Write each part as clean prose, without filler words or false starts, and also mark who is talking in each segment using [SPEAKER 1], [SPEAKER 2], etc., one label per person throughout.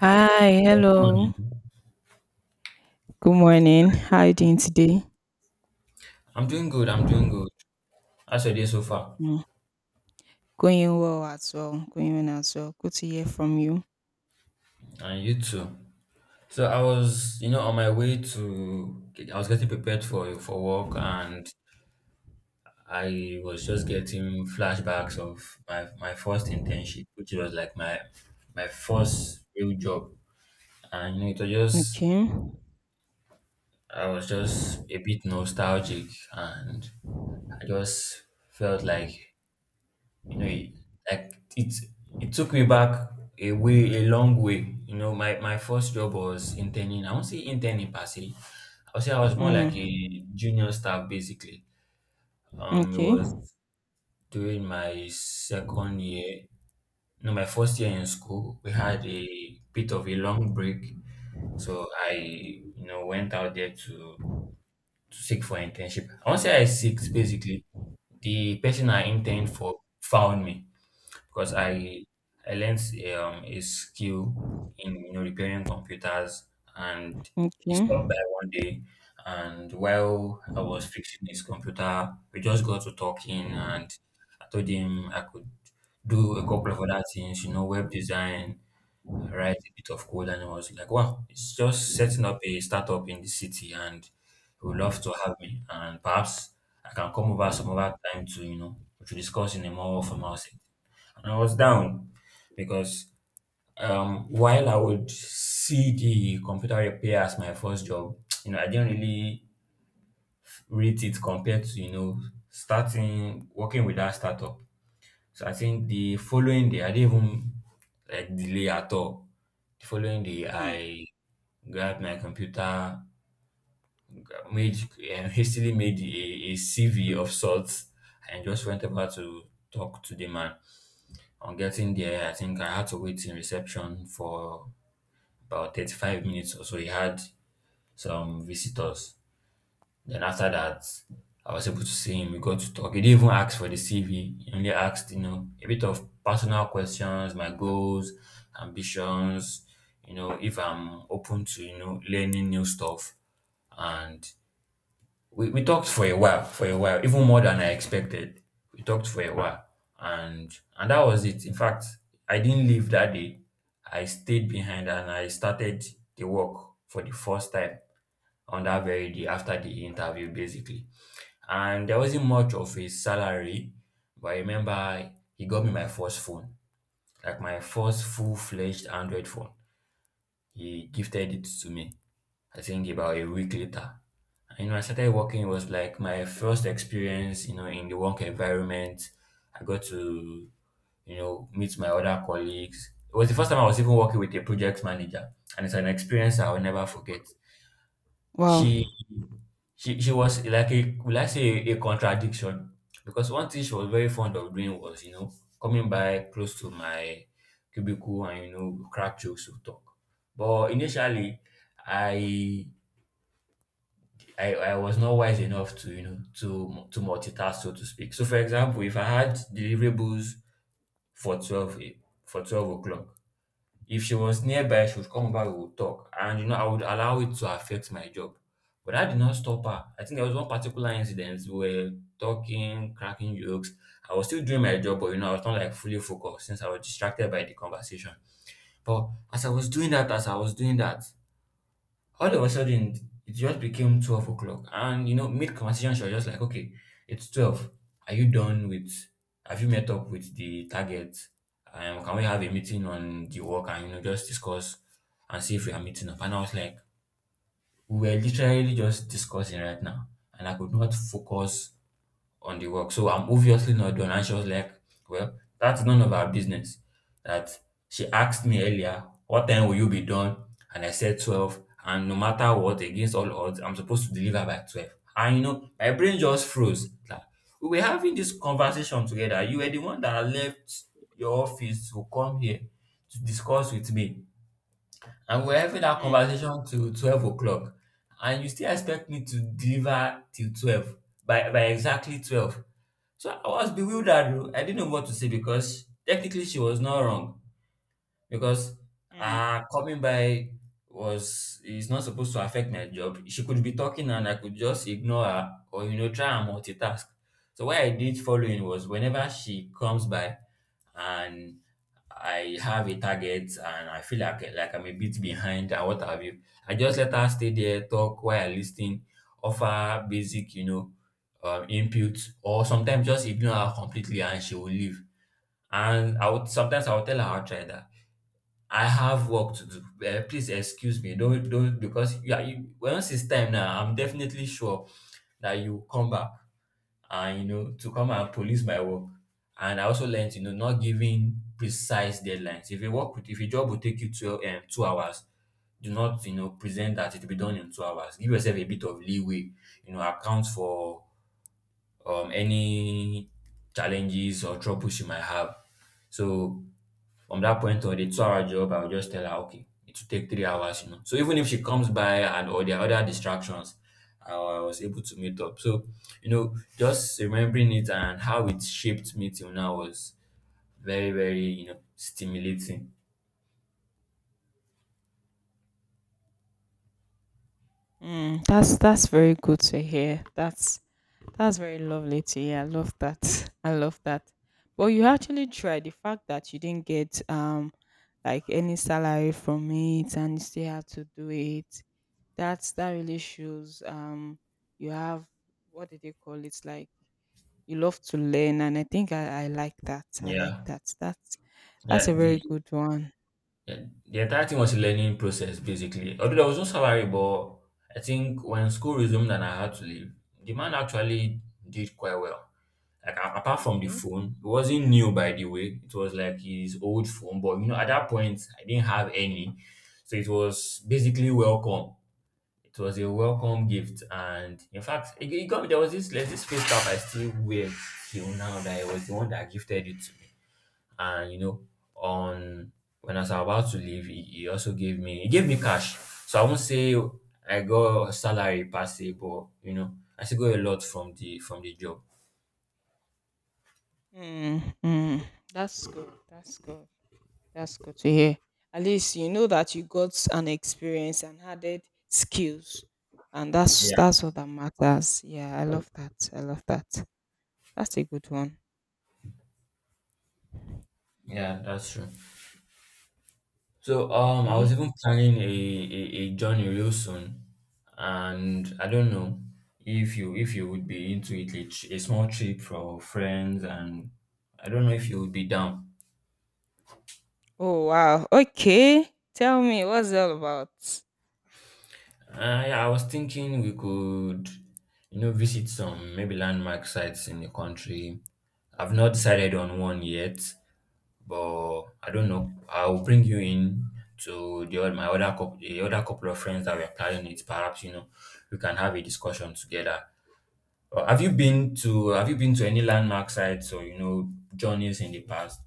[SPEAKER 1] Hi, hello.
[SPEAKER 2] Morning.
[SPEAKER 1] Good morning. How you doing today?
[SPEAKER 2] I'm doing good. I'm doing good. How's your day so far?
[SPEAKER 1] Mm. Going well as well. Going well as well. Good to hear from you.
[SPEAKER 2] And you too. So I was, on my way to. I was getting prepared for work, and I was just getting flashbacks of my first internship, which was like my first real job, and you know, it was just
[SPEAKER 1] Okay.
[SPEAKER 2] I was just a bit nostalgic, and I just felt like you know it, like it it took me back a way a long way. You know, my first job was interning. I won't say interning per se. I'll say I was more
[SPEAKER 1] Mm.
[SPEAKER 2] like a junior staff basically. It
[SPEAKER 1] Okay.
[SPEAKER 2] was during my second year. No, my first year in school, we had a bit of a long break. So I, you know, went out there to seek for internship. And once I seeked, basically, the person I interned for found me because I learned a skill in, you know, repairing computers, and he
[SPEAKER 1] Okay.
[SPEAKER 2] stopped by one day, and while I was fixing his computer, we just got to talking, and I told him I could do a couple of other things, you know, web design, write a bit of code. And I was like, wow, it's just setting up a startup in the city and he would love to have me. And perhaps I can come over some other time to, you know, to discuss in a more formal setting. And I was down because, while I would see the computer repair as my first job, you know, I didn't really rate it compared to, you know, starting working with that startup. So I think the following day, I didn't even like delay at all. The following day,
[SPEAKER 1] Mm.
[SPEAKER 2] I grabbed my computer, made hastily made a CV of sorts, and just went over to talk to the man. On getting there, I think I had to wait in reception for about 35 minutes or so. He had some visitors. Then after that, I was able to see him. We got to talk. He didn't even ask for the CV. He only asked, you know, a bit of personal questions, my goals, ambitions, you know, if I'm open to, you know, learning new stuff. And we talked for a while, even more than I expected. We talked for a while. And that was it. In fact, I didn't leave that day. I stayed behind and I started the work for the first time on that very day after the interview, basically. And there wasn't much of a salary, but I remember he got me my first phone, like my first full-fledged Android phone. He gifted it to me, I think about a week later. And, you know, I started working. It was like my first experience, you know, in the work environment. I got to, you know, meet my other colleagues. It was the first time I was even working with a project manager, and it's an experience I will never forget.
[SPEAKER 1] Wow.
[SPEAKER 2] She she she was like a, will I say, a contradiction, because one thing she was very fond of doing was, you know, coming by close to my cubicle and, you know, crack jokes to talk. But initially, I I was not wise enough to, you know, to multitask, so to speak. So for example, if I had deliverables for for 12 o'clock. If she was nearby, she would come back, we would talk. And, you know, I would allow it to affect my job. But that did not stop her. I think there was one particular incident. We were talking, cracking jokes. I was still doing my job, but, you know, I was not like fully focused since I was distracted by the conversation. But as I was doing that, all of a sudden it just became 12 o'clock. And you know, mid conversation, she was just like, okay, it's 12, are you done with, have you met up with the target, can we have a meeting on the work and, you know, just discuss and see if we are meeting up? And I was like, we were literally just discussing right now and I could not focus on the work. So I'm obviously not done. And she was like, well, that's none of our business. That she asked me earlier, what time will you be done? And I said 12. And no matter what, against all odds, I'm supposed to deliver by 12. And you know, my brain just froze. Like, we were having this conversation together. You were the one that left your office to come here to discuss with me. And we're having that
[SPEAKER 1] Mm.
[SPEAKER 2] conversation till 12 o'clock. And you still expect me to deliver till 12 by exactly 12. So I was bewildered. Oh. I didn't know what to say because technically she was not wrong, because
[SPEAKER 1] Mm.
[SPEAKER 2] coming by was is not supposed to affect my job. She could be talking and I could just ignore her, or you know, try and multitask. So what I did following was whenever she comes by and I have a target and I feel like I'm a bit behind and what have you, I just let her stay there, talk while I listen, offer basic, you know, input, or sometimes just ignore her completely and she will leave. And I would sometimes, I would tell her, I'll try that. I have work to do. Eh, please excuse me. Don't because yeah, you, once it's time now, I'm definitely sure that you come back and, you know, to come and police my work. And I also learned, you know, not giving precise deadlines. If a job will take you two 2 hours, do not, you know, present that it will be done in 2 hours. Give yourself a bit of leeway. You know, account for any challenges or troubles you might have. So from that point on, a 2 hour job, I'll just tell her, okay, it will take 3 hours, you know. So even if she comes by and all the other distractions, I was able to meet up. So, you know, just remembering it and how it shaped me till now was very, very, you know, stimulating.
[SPEAKER 1] Mm. That's very good to hear. That's very lovely to hear. I love that. I love that. But you actually tried. The fact that you didn't get like any salary from it and you still had to do it. That really shows you have, what do they call it, like you love to learn, and I think I like that. I like
[SPEAKER 2] Yeah.
[SPEAKER 1] that. That's
[SPEAKER 2] Yeah.
[SPEAKER 1] a very
[SPEAKER 2] The
[SPEAKER 1] good one.
[SPEAKER 2] yeah, the entire thing was a learning process basically. Although there was no salary, but I think when school resumed and I had to leave, the man actually did quite well. Like a, apart from the
[SPEAKER 1] Okay.
[SPEAKER 2] phone, it wasn't new by the way. It was like his old phone, but you know, at that point I didn't have any. So it was basically welcome. It was a welcome gift. And in fact, it got me, there was this, there's this face cap I still wear till now that it was the one that gifted it to me. And you know, on when I was about to leave, he also gave me, he gave me cash. So I won't say I got salary per se, but you know, I still got a lot from the job.
[SPEAKER 1] Mm, mm. That's good. That's good. That's good to hear. At least you know that you got an experience and added skills. And that's
[SPEAKER 2] Yeah,
[SPEAKER 1] that's what that matters. Yeah, I love that. I love that. That's a good one.
[SPEAKER 2] yeah, that's true. So I was
[SPEAKER 1] Okay.
[SPEAKER 2] even planning a journey real soon, and I don't know if you would be into it, a small trip for friends, and I don't know if you would be down.
[SPEAKER 1] Oh wow. Okay. Tell me, what's it all about?
[SPEAKER 2] I was thinking we could, you know, visit some, maybe landmark sites in the country. I've not decided on one yet, but I don't know, I'll bring you in to the other couple of friends that we're planning it. Perhaps you know we can have a discussion together. Have you been to, have you been to any landmark sites or you know journeys in the past?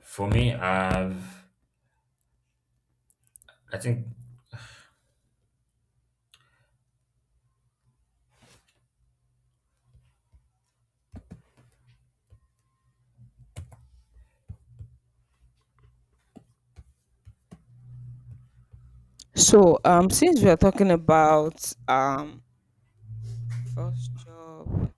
[SPEAKER 2] For me, I've I think
[SPEAKER 1] So, since we are talking about first job,